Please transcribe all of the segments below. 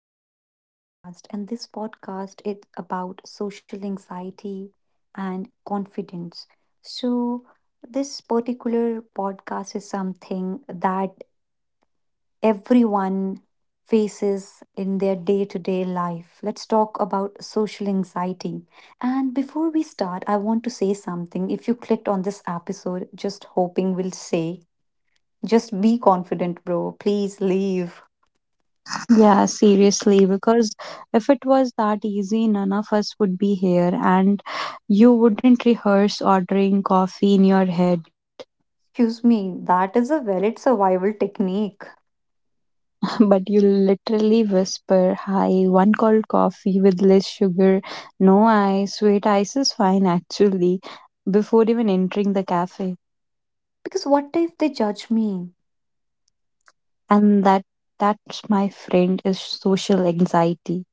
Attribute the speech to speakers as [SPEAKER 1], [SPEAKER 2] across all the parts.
[SPEAKER 1] Welcome to the podcast. And this podcast is about social anxiety and confidence. So, this particular podcast is something that everyone faces in their day to day life. Let's talk about social anxiety. And before we start, I want to say something. If you clicked on this episode, just hoping will say, just be confident, bro. Please leave.
[SPEAKER 2] Yeah, seriously, because if it was that easy, none of us would be here, and you wouldn't rehearse ordering coffee in your head,
[SPEAKER 1] Excuse me, that is a valid survival technique.
[SPEAKER 2] but you literally whisper, "Hi, one cold coffee with less sugar, no ice, wait, ice is fine actually," before even entering the cafe.
[SPEAKER 1] Because what if they judge me?
[SPEAKER 2] And that that's my friend, is social anxiety.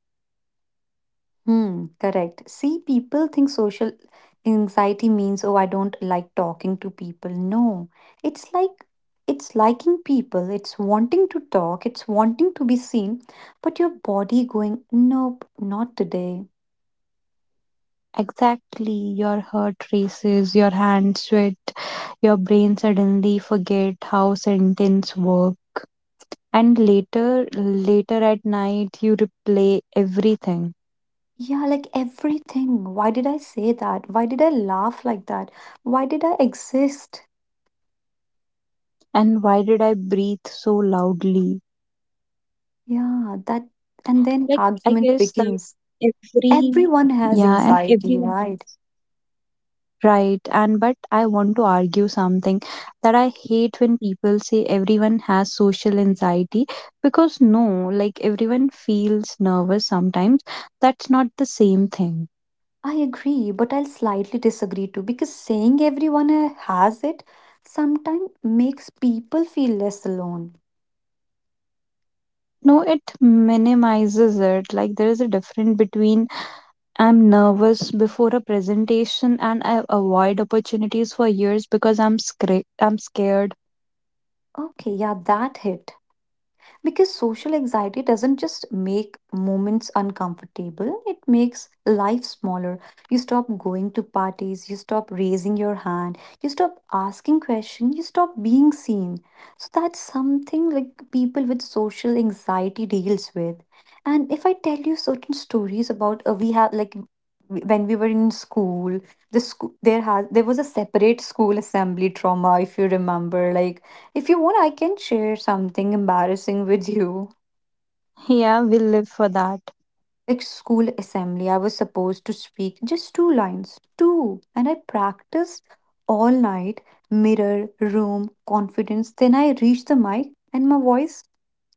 [SPEAKER 1] Hmm, correct. See, people think social anxiety means, oh, I don't like talking to people. No, it's like it's liking people, it's wanting to talk, it's wanting to be seen, but your body going, nope, not today.
[SPEAKER 2] Exactly, your heart races, your hands sweat, your brain suddenly forget how sentence work. And later at night, you replay everything.
[SPEAKER 1] Yeah, like everything. Why did I say that? Why did I laugh like that? Why did I exist?
[SPEAKER 2] And why did I breathe so loudly?
[SPEAKER 1] Yeah, that, and then
[SPEAKER 2] Like, I
[SPEAKER 1] argument
[SPEAKER 2] guess
[SPEAKER 1] begins.
[SPEAKER 2] every,
[SPEAKER 1] Everyone has
[SPEAKER 2] yeah, and
[SPEAKER 1] anxiety,
[SPEAKER 2] everyone.
[SPEAKER 1] right?
[SPEAKER 2] Right, and but I want to argue something, that I hate when people say everyone has social anxiety, because no, like everyone feels nervous sometimes. That's not the same thing.
[SPEAKER 1] I agree, but I'll slightly disagree too, because saying everyone has it sometimes makes people feel less alone.
[SPEAKER 2] No, it minimizes it. Like, there is a difference between I'm nervous before a presentation and I avoid opportunities for years because I'm scared.
[SPEAKER 1] Okay, yeah, that hit. Because social anxiety doesn't just make moments uncomfortable, it makes life smaller. You stop going to parties, you stop raising your hand, you stop asking questions, you stop being seen. So that's something like people with social anxiety deals with. And if I tell you certain stories about we have like when we were in school, the school there was a separate school assembly trauma. If you remember, like if you want, I can share something embarrassing with you.
[SPEAKER 2] Yeah, we live for that.
[SPEAKER 1] Like school assembly, I was supposed to speak just two lines, two. And I practiced all night, mirror, room, confidence. Then I reached the mic and my voice,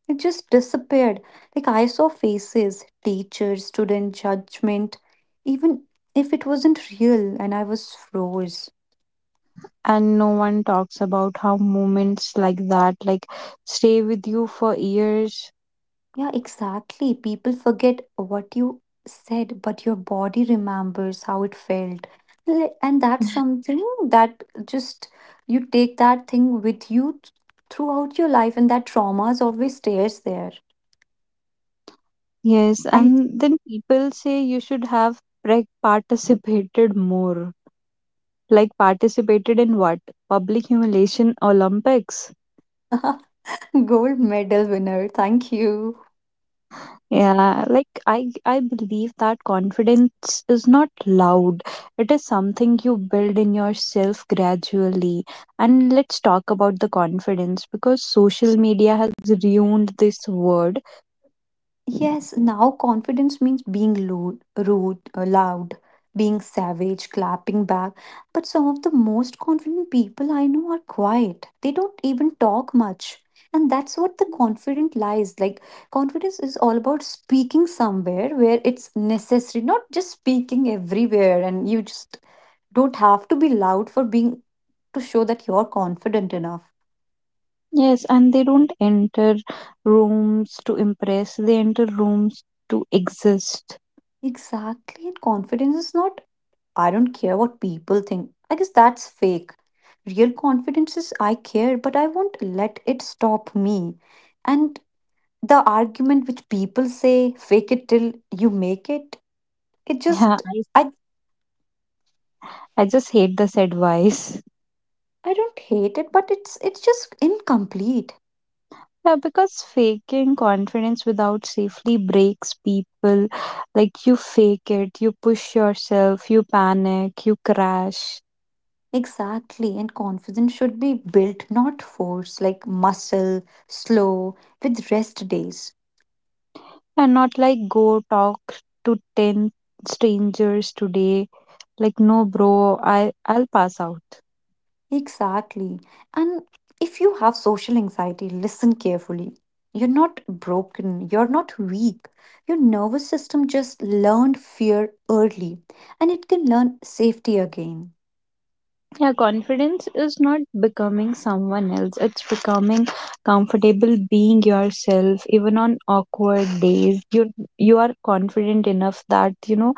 [SPEAKER 1] it just disappeared. Like I saw faces, teachers, student judgment, even if it wasn't real. And I was froze.
[SPEAKER 2] And no one talks about how moments like that, like, stay with you for years.
[SPEAKER 1] Yeah, exactly. People forget what you said, but your body remembers how it felt. Like— and that's something that just you take that thing with you throughout your life, and that trauma is always stays there.
[SPEAKER 2] Yes,
[SPEAKER 1] And
[SPEAKER 2] and then people say you should have, like, participated more. Like, participated in what? Public humiliation olympics?
[SPEAKER 1] gold medal winner. Thank you.
[SPEAKER 2] Yeah, like, I believe that confidence is not loud, it is something you build in yourself gradually. And let's talk about the confidence, because social media has ruined this word.
[SPEAKER 1] Yes, now confidence means being rude, rude, loud, being savage, clapping back. But some of the most confident people I know are quiet. They don't even talk much. And that's what the confident lies. Like, confidence is all about speaking somewhere where it's necessary, not just speaking everywhere. And you just don't have to be loud for being to show that you're confident enough.
[SPEAKER 2] Yes, and they don't enter rooms to impress, they enter rooms to exist.
[SPEAKER 1] Exactly. And confidence is not I don't care what people think. I guess that's fake. Real confidence is I care, but I won't let it stop me. And the argument which people say, fake it till you make it, it
[SPEAKER 2] Yeah,
[SPEAKER 1] just I
[SPEAKER 2] I just hate this advice.
[SPEAKER 1] don't hate it, but it's just incomplete.
[SPEAKER 2] Yeah, because faking confidence without safely breaks people. Like, you fake it, you push yourself, you panic, you crash,
[SPEAKER 1] Exactly, and confidence should be built, not forced, like muscle, slow, with rest days.
[SPEAKER 2] and not like, go talk to 10 strangers today. Like, no, bro, I'll pass out.
[SPEAKER 1] Exactly. And if you have social anxiety, listen carefully. You're not broken, you're not weak. Your nervous system just learned fear early, and it can learn safety again.
[SPEAKER 2] Yeah, confidence is not becoming someone else. It's becoming comfortable being yourself, even on awkward days. You are confident enough that you know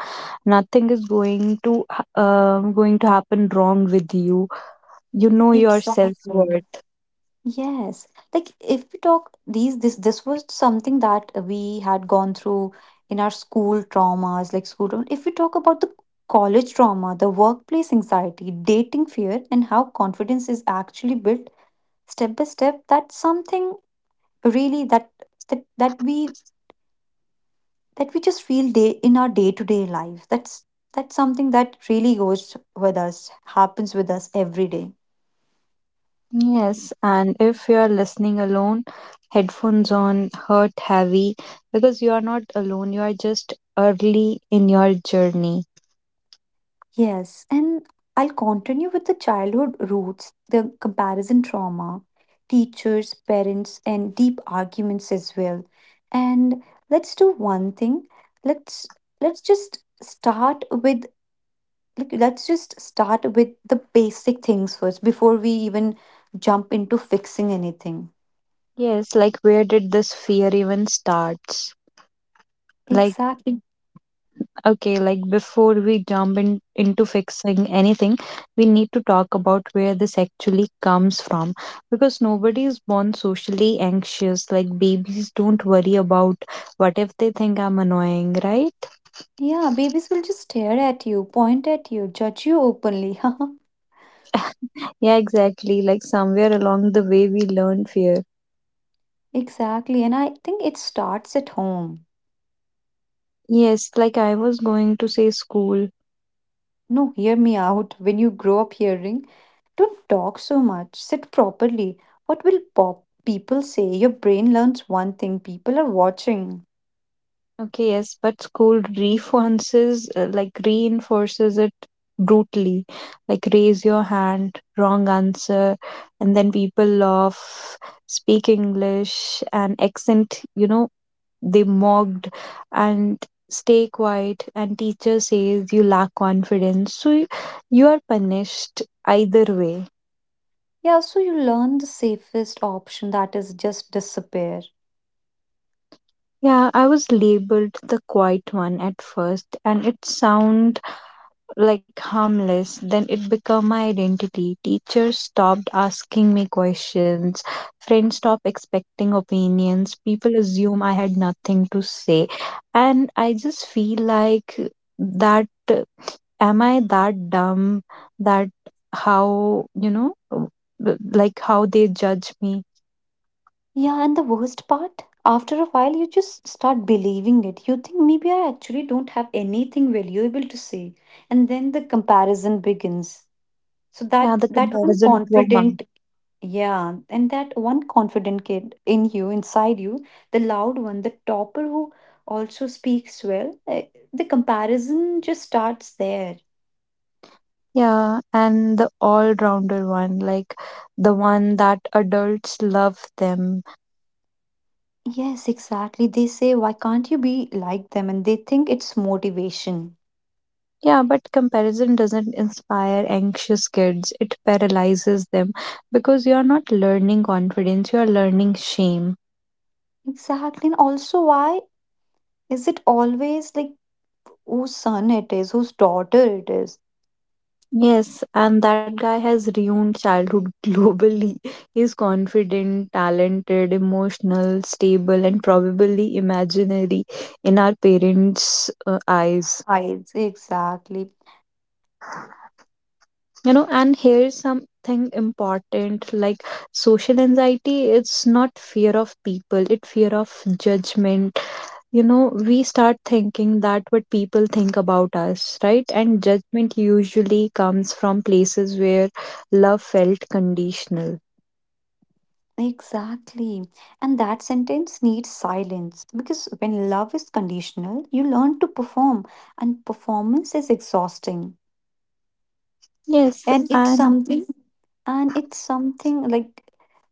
[SPEAKER 2] nothing is going to going to happen wrong with you. You know your self
[SPEAKER 1] Exactly.
[SPEAKER 2] worth.
[SPEAKER 1] Yes. Like if we talk these this this was something that we had gone through in our school traumas, like school trauma. If we talk about the college trauma, the workplace anxiety, dating fear, and how confidence is actually built step by step, that's something really that we, that we just feel day in our day to day life. That's something that really goes with us, happens with us every day.
[SPEAKER 2] Yes, and if you are listening alone, headphones on, heart heavy, because you are not alone. You are just early in your journey.
[SPEAKER 1] Yes, and I'll continue with the childhood roots, the comparison trauma, teachers, parents, and deep arguments as well. And let's do one thing. Let's let's just start with, like, let's just start with the basic things first before we even jump into fixing anything.
[SPEAKER 2] Yes, like, where did this fear even starts? Like,
[SPEAKER 1] Exactly.
[SPEAKER 2] okay, like, before we jump into fixing anything, we need to talk about where this actually comes from, because nobody is born socially anxious. Like, babies don't worry about what if they think I'm annoying, right?
[SPEAKER 1] Yeah, babies will just stare at you, point at you, judge you openly.
[SPEAKER 2] Yeah, exactly, like somewhere along the way we learn fear.
[SPEAKER 1] Exactly, and I think it starts at home.
[SPEAKER 2] Yes, like, I was going to say school.
[SPEAKER 1] No, hear me out. When you grow up hearing, don't talk so much, sit properly, what will pop people say, your brain learns one thing, people are watching.
[SPEAKER 2] Okay, yes, but school reinforces, reinforces it brutally, like raise your hand, wrong answer, and then people laugh, speak English, and accent, you know, they mocked and stay quiet, and teacher says you lack confidence. You are punished either way.
[SPEAKER 1] Yeah, so you learn the safest option, that is just disappear.
[SPEAKER 2] Yeah, I was labeled the quiet one at first, and it sounds like harmless, then it became my identity. Teachers stopped asking me questions, friends stopped expecting opinions, people assume I had nothing to say. And I just feel like that am I that dumb, that how you know, like how they judge me.
[SPEAKER 1] Yeah, and the worst part, after a while, you just start believing it. You think maybe I actually don't have anything valuable to say, and then the comparison begins. So
[SPEAKER 2] Yeah,
[SPEAKER 1] that
[SPEAKER 2] the
[SPEAKER 1] that one
[SPEAKER 2] comparison trauma.
[SPEAKER 1] confident, yeah, and that one confident kid in you, inside you, the loud one, the topper who also speaks well, eh, the comparison just starts there.
[SPEAKER 2] Yeah, and the all rounder one, like the one that adults love them.
[SPEAKER 1] Yes, exactly. They say, why can't you be like them? And they think it's motivation.
[SPEAKER 2] Yeah, but comparison doesn't inspire anxious kids. It paralyzes them, because you are not learning confidence, you are learning shame.
[SPEAKER 1] Exactly. And also, why is it always like whose son it is, whose daughter it is?
[SPEAKER 2] Yes, and that guy has ruined childhood globally. He's confident, talented, emotional, stable, and probably imaginary in our parents' eyes.
[SPEAKER 1] I exactly,
[SPEAKER 2] You know, and here's something important, like, social anxiety, it's not fear of people, it's fear of judgment. You know, we start thinking that what people think about us, right? And judgment usually comes from places where love felt conditional.
[SPEAKER 1] exactly. And that sentence needs silence, because when love is conditional, you learn to perform, and performance is exhausting.
[SPEAKER 2] Yes,
[SPEAKER 1] And it's
[SPEAKER 2] and
[SPEAKER 1] something, and it's something like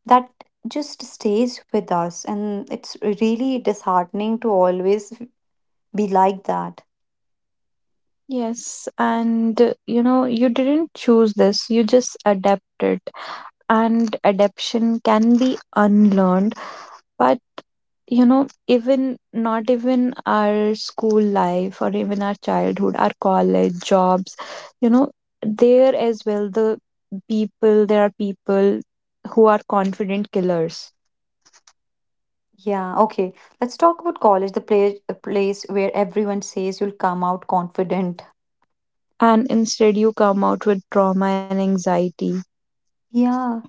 [SPEAKER 1] that just stays with us, and it's really disheartening to always be like that.
[SPEAKER 2] yes, and you know, you didn't choose this, you just adapted. And adaptation can be unlearned, but you know, even not even our school life or even our childhood, our college jobs, you know, there as well, the people, there are people who are confident killers.
[SPEAKER 1] Yeah, okay. Let's talk about college, the place where everyone says you'll come out confident.
[SPEAKER 2] And instead you come out with trauma and anxiety.
[SPEAKER 1] Yeah,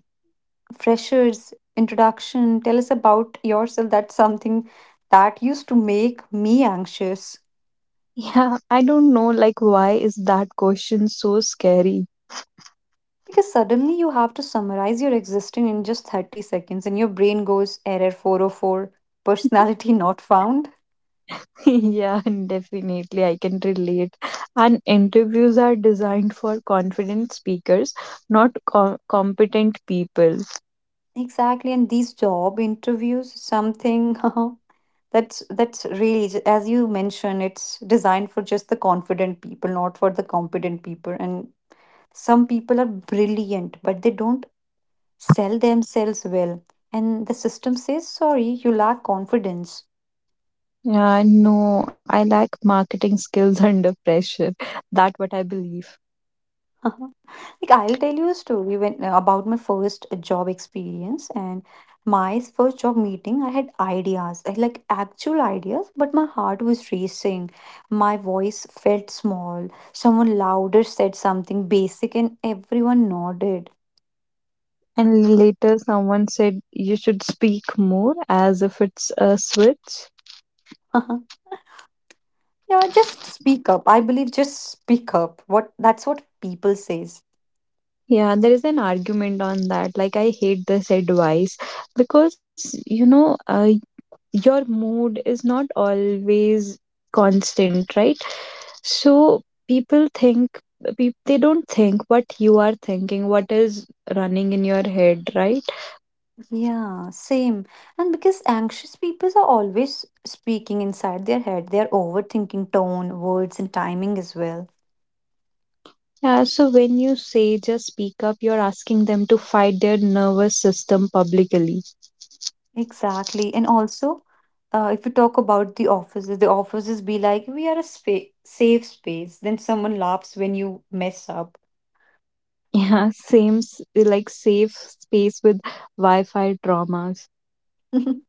[SPEAKER 1] freshers, introduction. Tell us about yourself. That's something that used to make me anxious.
[SPEAKER 2] Yeah, I don't know, like, why is that question so scary?
[SPEAKER 1] Because suddenly you have to summarize your existence in just 30 seconds and your brain goes error 404, personality not found.
[SPEAKER 2] Yeah, definitely, I can relate. And interviews are designed for confident speakers, not co- competent people.
[SPEAKER 1] Exactly, and these job interviews, something that's really as you mentioned, it's designed for just the confident people, not for the competent people. And some people are brilliant, but they don't sell themselves well. And the system says, sorry, you lack confidence.
[SPEAKER 2] No, I lack marketing skills under pressure. That what I believe.
[SPEAKER 1] Like I'll tell you a story when about my first job experience and my first job meeting. I had ideas, I like actual ideas, but my heart was racing. My voice felt small. Someone louder said something basic, and everyone nodded.
[SPEAKER 2] And later someone said you should speak more, as if it's a switch.
[SPEAKER 1] Yeah, just speak up. I believe just speak up. What that's what people says.
[SPEAKER 2] Yeah, there is an argument on that. Like, I hate this advice, because you know, your mood is not always constant, right? So people think, they don't think what you are thinking, what is running in your head, right?
[SPEAKER 1] Yeah, same. And because anxious people are always speaking inside their head, they're overthinking tone, words, and timing as well.
[SPEAKER 2] Yeah, so when you say just speak up, you're asking them to fight their nervous system publicly.
[SPEAKER 1] Exactly. And also, if we talk about the offices be like, we are a safe space. Then someone laughs when you mess up.
[SPEAKER 2] Yeah, same, like, safe space with Wi Fi traumas.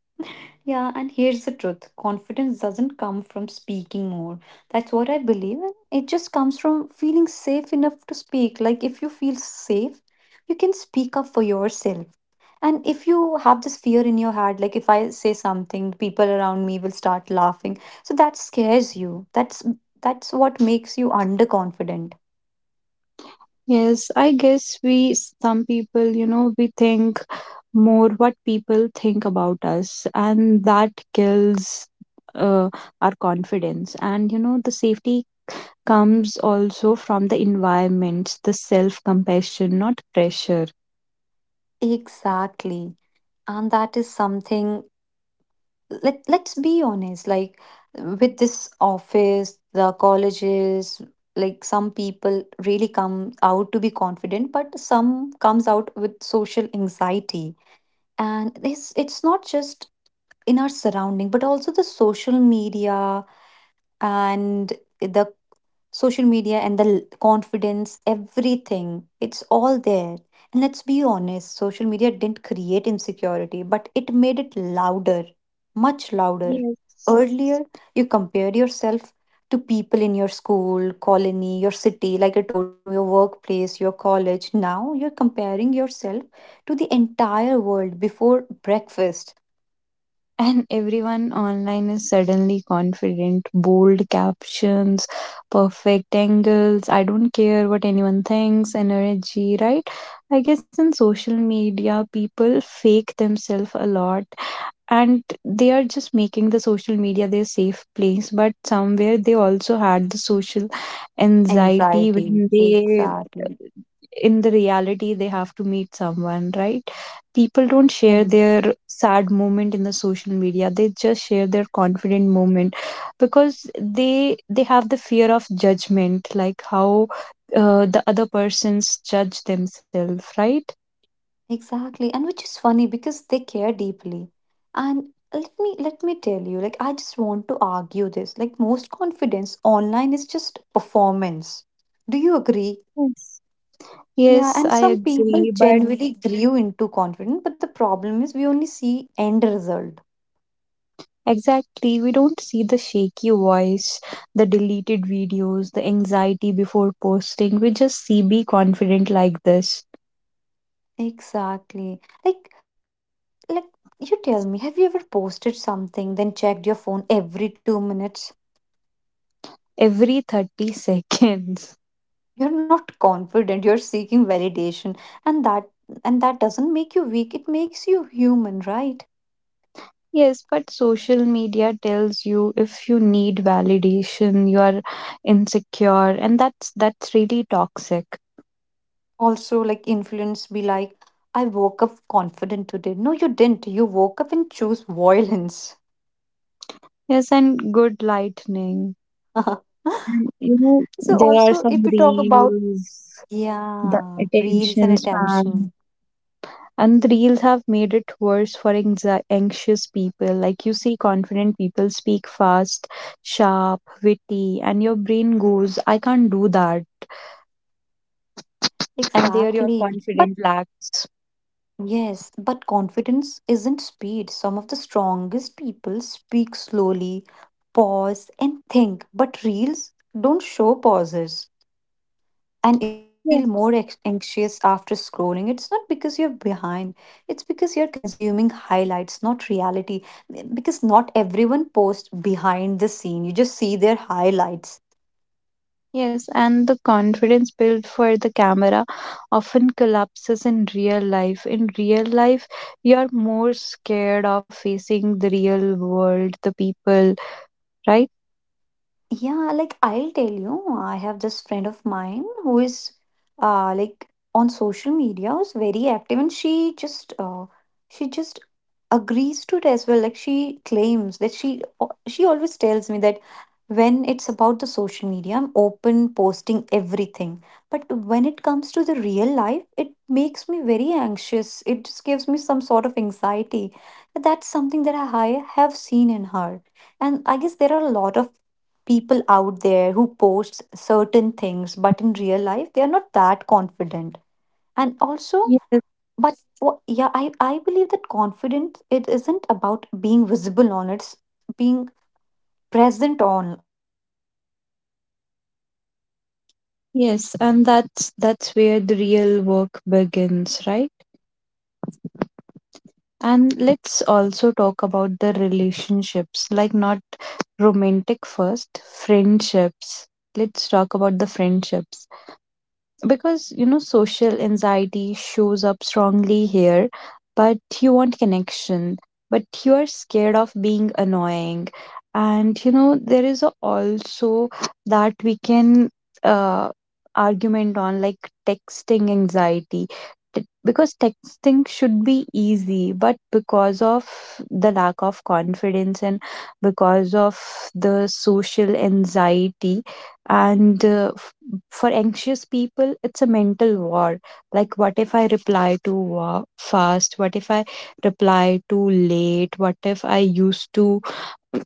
[SPEAKER 1] Yeah, and here's the truth, confidence doesn't come from speaking more. That's what I believe. And it just comes from feeling safe enough to speak. Like, if you feel safe, you can speak up for yourself. And if you have this fear in your head, like if I say something, people around me will start laughing. So that scares you. That's what makes you underconfident.
[SPEAKER 2] Yes, I guess we, some people, you know, we think more what people think about us, and that kills uh, our confidence. And, you know, the safety comes also from the environment, the self compassion, not pressure.
[SPEAKER 1] Exactly. And that is something, let let's be honest, like with this office, the colleges, like some people really come out to be confident, but some comes out with social anxiety. And this it's not just in our surrounding, but also the social media. And the social media and the confidence, everything. It's all there. And let's be honest, social media didn't create insecurity, but it made it louder, much louder.
[SPEAKER 2] Yes.
[SPEAKER 1] Earlier, you compared yourself to people in your school, colony, your city, like I told you, in your workplace, your college. Now you're comparing yourself to the entire world before breakfast.
[SPEAKER 2] And everyone online is suddenly confident, bold captions, perfect angles. I don't care what anyone thinks, energy, right? I guess in social media, people fake themselves a lot, and they are just making the social media their safe place. But somewhere they also had the social anxiety
[SPEAKER 1] Anxiety.
[SPEAKER 2] when they,
[SPEAKER 1] Exactly.
[SPEAKER 2] in the reality they have to meet someone, right? People don't
[SPEAKER 1] Yeah.
[SPEAKER 2] share their sad moment in the social media, they just share their confident moment, because they have the fear of judgment, like how the other persons judge themselves, right?
[SPEAKER 1] Exactly, and which is funny because they care deeply. And let me tell you, like I just want to argue this. Like most confidence online is just performance. Do you agree?
[SPEAKER 2] Yes, yes,
[SPEAKER 1] Yeah, and
[SPEAKER 2] I
[SPEAKER 1] some
[SPEAKER 2] agree,
[SPEAKER 1] people
[SPEAKER 2] but
[SPEAKER 1] genuinely grew into confidence, but the problem is we only see end result.
[SPEAKER 2] exactly, we don't see the shaky voice, the deleted videos, the anxiety before posting. We just see be confident like this
[SPEAKER 1] Exactly. Like like you tell me, have you ever posted something then checked your phone every 2 minutes?
[SPEAKER 2] every 30 seconds.
[SPEAKER 1] You're not confident, you're seeking validation. And that and that doesn't make you weak, it makes you human, right?
[SPEAKER 2] Yes, but social media tells you if you need validation, you are insecure, and that's really toxic.
[SPEAKER 1] Also, like influence be like, I woke up confident today. No, you didn't, you woke up and chose violence.
[SPEAKER 2] Yes, and good lightning. And, you know,
[SPEAKER 1] So
[SPEAKER 2] there are
[SPEAKER 1] also if
[SPEAKER 2] some
[SPEAKER 1] we talk about,
[SPEAKER 2] reels, the
[SPEAKER 1] yeah, reels and
[SPEAKER 2] attention span.
[SPEAKER 1] attention,
[SPEAKER 2] And the reels have made it worse for anxious people. Like, you see confident people speak fast, sharp, witty, and your brain goes, I can't do that. And there your
[SPEAKER 1] exactly. But.
[SPEAKER 2] confidence lacks.
[SPEAKER 1] Yes, but confidence isn't speed. Some of the strongest people speak slowly, pause, and think, but reels don't show pauses. And if you
[SPEAKER 2] Yeah.
[SPEAKER 1] feel more anxious after scrolling, it's not because you're behind, it's because you're consuming highlights, not reality. Because not everyone posts behind the scene, you just see their highlights.
[SPEAKER 2] Yes, and the confidence built for the camera often collapses in real life. In real life you're more scared of facing the real world, the people, right?
[SPEAKER 1] Yeah, like I'll tell you, I have this friend of mine who is like on social media is very active, and she just she just agrees to it as well. Like she claims that she always tells me that when it's about the social media, I'm open posting everything. But when it comes to the real life, it makes me very anxious. It just gives me some sort of anxiety. That's something that I have seen in her, and I guess there are a lot of people out there who post certain things, but in real life, they are not that confident. And also,
[SPEAKER 2] Yes,
[SPEAKER 1] but yeah, I believe that confidence, it isn't about being visible on it.
[SPEAKER 2] yes, and that's where the real work begins, right? And let's also talk about the relationships, like, not romantic first, friendships. Let's talk about the friendships, because you know social anxiety shows up strongly here, but you want connection but you are scared of being annoying. And you know there is a- also that we can, uh, argument on like texting anxiety. Because texting should be easy, but because of the lack of confidence and because of the social anxiety and for anxious people, it's a mental war. Like, what if I reply too fast? What if I reply too late? What if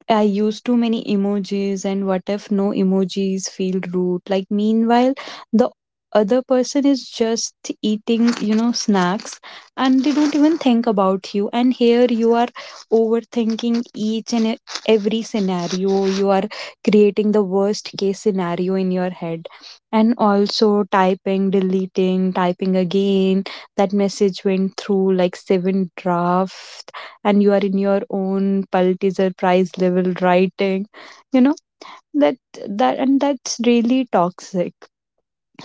[SPEAKER 2] I use too many emojis, and what if no emojis feel rude? Like, meanwhile the other person is just eating, you know, snacks, and they don't even think about you. And here you are overthinking each and every scenario. You are creating the worst case scenario in your head. And also typing, deleting, typing again. That message went through like seven drafts, and you are in your own Pulitzer Prize level writing, you know, that that and that's really toxic.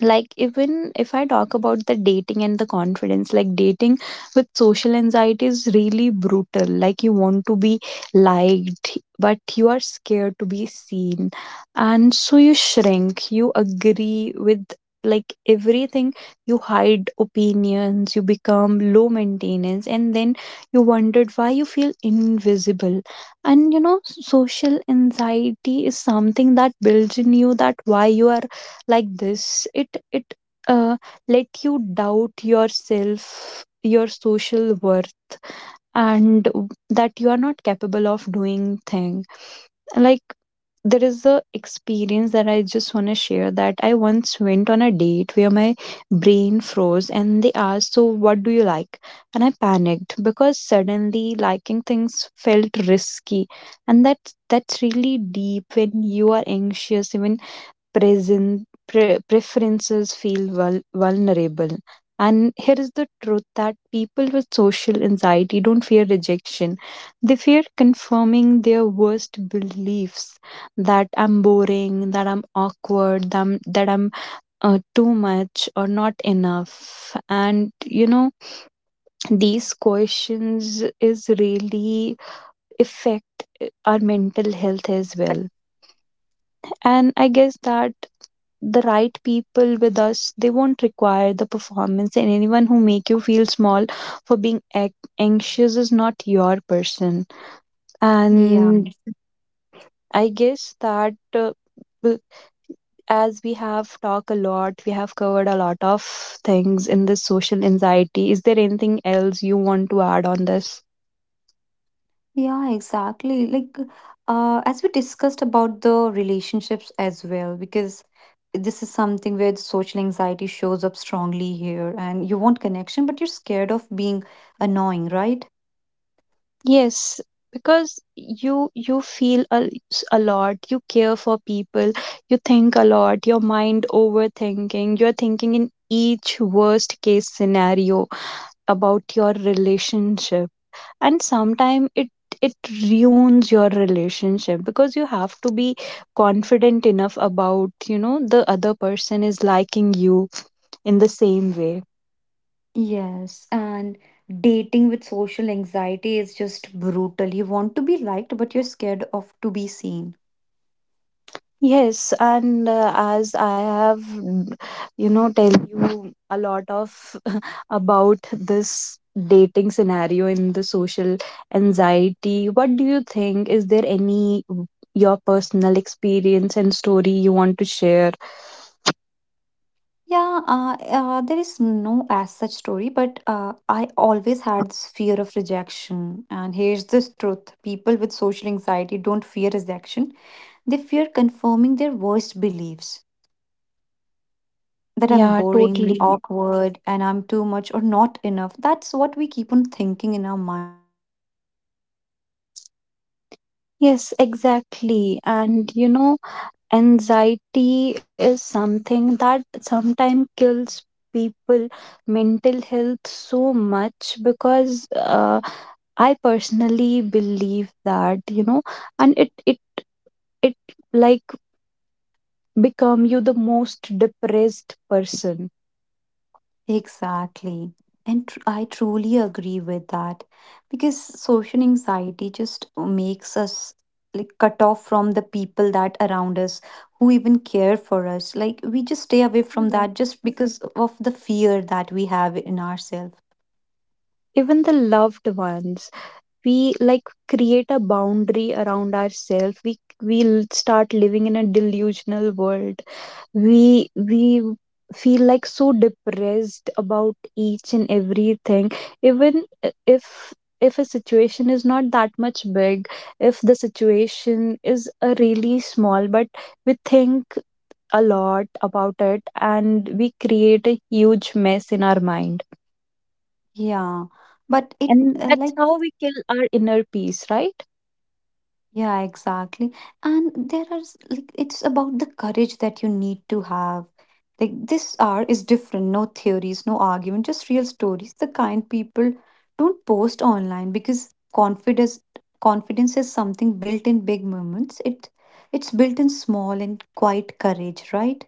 [SPEAKER 2] Like, even if I talk about the dating and the confidence, like, dating with social anxiety is really brutal. Like, you want to be liked but you are scared to be seen, and so you shrink, you agree with like everything, you hide opinions, you become low maintenance, and then you wondered why you feel invisible. And you know social anxiety is something that builds in you that why you are like this. It it uh, let you doubt yourself, your social worth, and that you are not capable of doing thing. Like, there is a experience that I just want to share, that I once went on a date where my brain froze and they asked, so what do you like? And I panicked, because suddenly liking things felt risky. And that's really deep. When you are anxious, even preferences feel vulnerable. And here is the truth, that people with social anxiety don't fear rejection, they fear confirming their worst beliefs, that I'm boring, that I'm awkward, that I'm too much or not enough. And you know these questions is really affect our mental health as well. And I guess that the right people with us, they won't require the performance, and anyone who make you feel small for being anxious is not your person.
[SPEAKER 1] Yeah,
[SPEAKER 2] And I guess that, w- as we have talked a lot, we have covered a lot of things in this social anxiety, is there anything else you want to add on this?
[SPEAKER 1] yeah, exactly. Like, as we discussed about the relationships as well, because this is something where the social anxiety shows up strongly here, and you want connection, but you're scared of being annoying, right?
[SPEAKER 2] Yes, because you feel a lot, you care for people, you think a lot, your mind overthinking, you're thinking in each worst case scenario about your relationship. And sometimes it ruins your relationship because you have to be confident enough about, you know, the other person is liking you in the same way.
[SPEAKER 1] Yes, and dating with social anxiety is just brutal. You want to be liked, but you're scared of to be seen.
[SPEAKER 2] Yes, and as I have, you know, tell you a lot of about this dating scenario in the social anxiety, what do you think? Is there your personal experience and story you want to share?
[SPEAKER 1] Yeah, there is no as such story, but I always had this fear of rejection. And here's the truth, people with social anxiety don't fear rejection, they fear confirming their worst beliefs that
[SPEAKER 2] Yeah,
[SPEAKER 1] I'm boring,
[SPEAKER 2] totally.
[SPEAKER 1] awkward, and I'm too much or not enough. That's what we keep on thinking in our mind.
[SPEAKER 2] Yes, exactly. And you know, anxiety is something that sometimes kills people mental health so much because I personally believe that, you know, and it like become you the most depressed person.
[SPEAKER 1] Exactly. And I truly agree with that, because social anxiety just makes us like cut off from the people that around us who even care for us. Like we just stay away from
[SPEAKER 2] Yeah.
[SPEAKER 1] that just because of the fear that we have in ourselves.
[SPEAKER 2] Even the loved ones. We like create a boundary around ourselves, we'll start living in a delusional world. We feel like so depressed about each and everything, even if a situation is not that much big, if the situation is a really small, but we think a lot about it and we create a huge mess in our mind.
[SPEAKER 1] Yeah. But it
[SPEAKER 2] And that's
[SPEAKER 1] like
[SPEAKER 2] how we kill our inner peace, right?
[SPEAKER 1] yeah, exactly. And there are like it's about the courage that you need to have. Like this art is different, no theories, no argument, just real stories. The kind people don't post online, because confidence is something built in big moments. It it's built in small and quiet courage, right?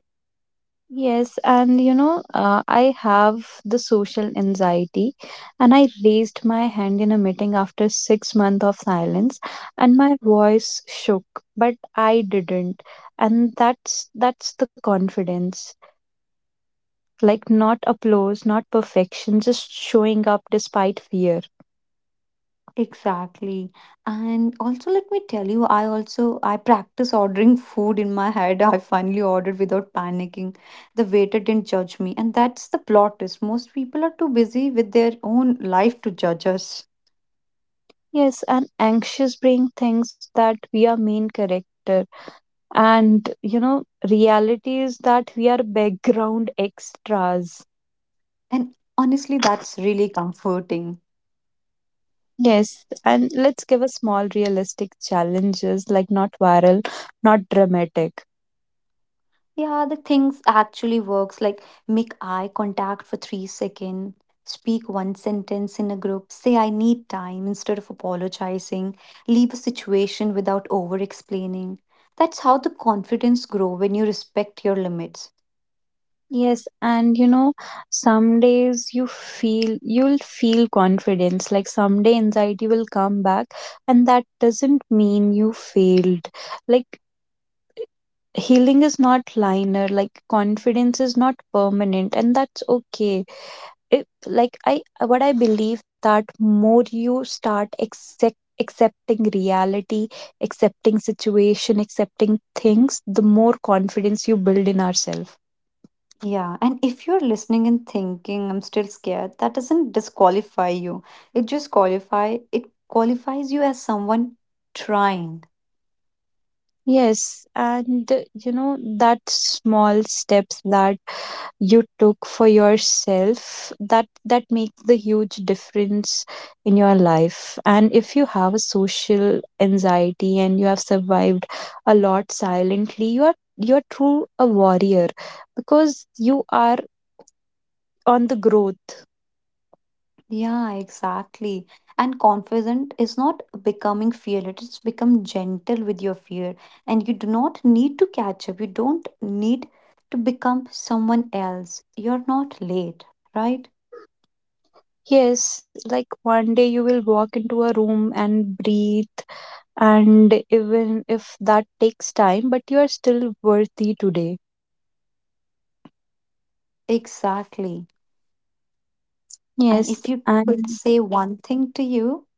[SPEAKER 2] Yes, and you know, I have the social anxiety, and I raised my hand in a meeting after 6 months of silence, and my voice shook, but I didn't, and that's the confidence, like not applause, not perfection, just showing up despite fear.
[SPEAKER 1] Exactly. And also let me tell you, I practice ordering food in my head. I finally ordered without panicking. The waiter didn't judge me. And that's the plot is most people are too busy with their own life to judge us.
[SPEAKER 2] Yes, and anxious brain thinks that we are main character, and you know, reality is that we are background extras.
[SPEAKER 1] And honestly, that's really comforting.
[SPEAKER 2] Yes, and let's give a small realistic challenges, like not viral, not dramatic.
[SPEAKER 1] Yeah, the things actually works like make eye contact for 3 seconds, speak one sentence in a group, say I need time instead of apologizing, leave a situation without over explaining. That's how the confidence grow when you respect your limits.
[SPEAKER 2] Yes, and you know, some days you'll feel confidence, like someday anxiety will come back, and that doesn't mean you failed. Like healing is not linear, like confidence is not permanent, and that's okay. It, like I what I believe that more you accepting reality, accepting situation, accepting things, the more confidence you build in ourselves.
[SPEAKER 1] Yeah, and if you're listening and thinking I'm still scared, that doesn't disqualify you. It just qualify it qualifies you as someone trying.
[SPEAKER 2] Yes, and you know, that small steps that you took for yourself, that make the huge difference in your life. And if you have a social anxiety and you have survived a lot silently, you're true a warrior, because you are on the growth.
[SPEAKER 1] Yeah, exactly. And confident is not becoming fear, it is become gentle with your fear. And you do not need to catch up. You don't need to become someone else. You're not late, right?
[SPEAKER 2] Yes, like one day you will walk into a room and breathe, and even if that takes time, but you are still worthy today.
[SPEAKER 1] Exactly. And
[SPEAKER 2] Yes,
[SPEAKER 1] if you could
[SPEAKER 2] and
[SPEAKER 1] say one thing to you,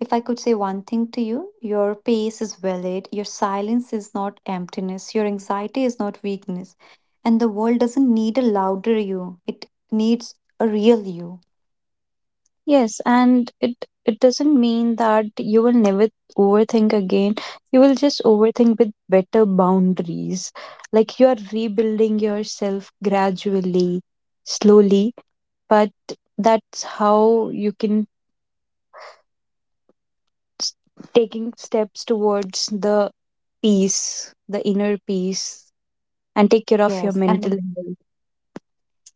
[SPEAKER 1] if I could say one thing to you, your pace is valid, your silence is not emptiness, your anxiety is not weakness. And the world doesn't need a louder you, it needs a real you.
[SPEAKER 2] Yes, and it doesn't mean that you will never overthink again. You will just overthink with better boundaries. Like you are rebuilding yourself gradually, slowly, but that's how you can s- taking steps towards the peace, the inner peace, and take care of
[SPEAKER 1] Yes.
[SPEAKER 2] your
[SPEAKER 1] And
[SPEAKER 2] mental health.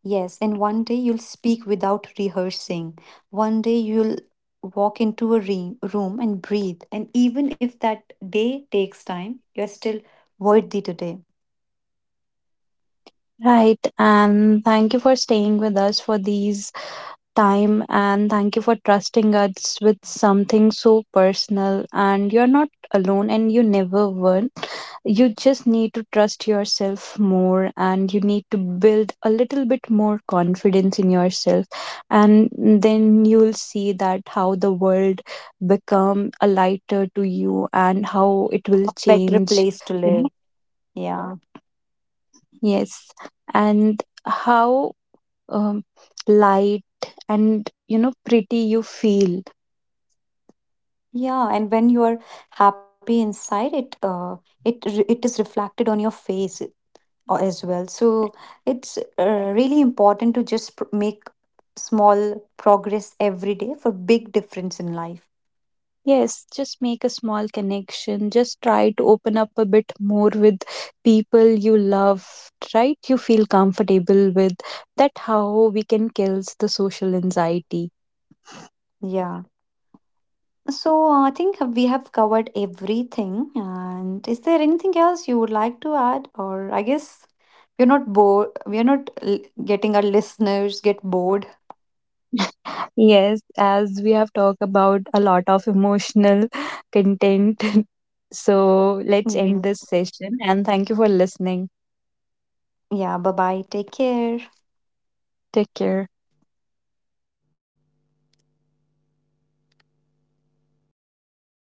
[SPEAKER 1] yes, and one day you'll speak without rehearsing. One day you'll walk into a room and breathe. And even if that day takes time, you're still worthy today,
[SPEAKER 2] Right, and thank you for staying with us for these time, and thank you for trusting us with something so personal. And you're not alone, and you never were. You just need to trust yourself more, and you need to build a little bit more confidence in yourself. And then you'll see that how the world become a lighter to you and how it will
[SPEAKER 1] a better
[SPEAKER 2] change.
[SPEAKER 1] place to
[SPEAKER 2] You know?
[SPEAKER 1] live. Yeah.
[SPEAKER 2] Yes. And how um, light and, you know, pretty you feel.
[SPEAKER 1] Yeah, and when you are happy inside it, it it is reflected on your face as well. So it's really important to just make small progress every day for big difference in life.
[SPEAKER 2] Yes, just make a small connection. Just try to open up a bit more with people you love, right? You feel comfortable with. That how we can kill the social anxiety.
[SPEAKER 1] Yeah. So I think we have covered everything. And is there anything else you would like to add? Or I guess we're not bored. We're not getting our listeners get bored.
[SPEAKER 2] Yes, as we have talked about a lot of emotional content. So let's end
[SPEAKER 1] Mhm.
[SPEAKER 2] this session, and thank you for listening.
[SPEAKER 1] Yeah. Bye bye. Take care.
[SPEAKER 2] Take care.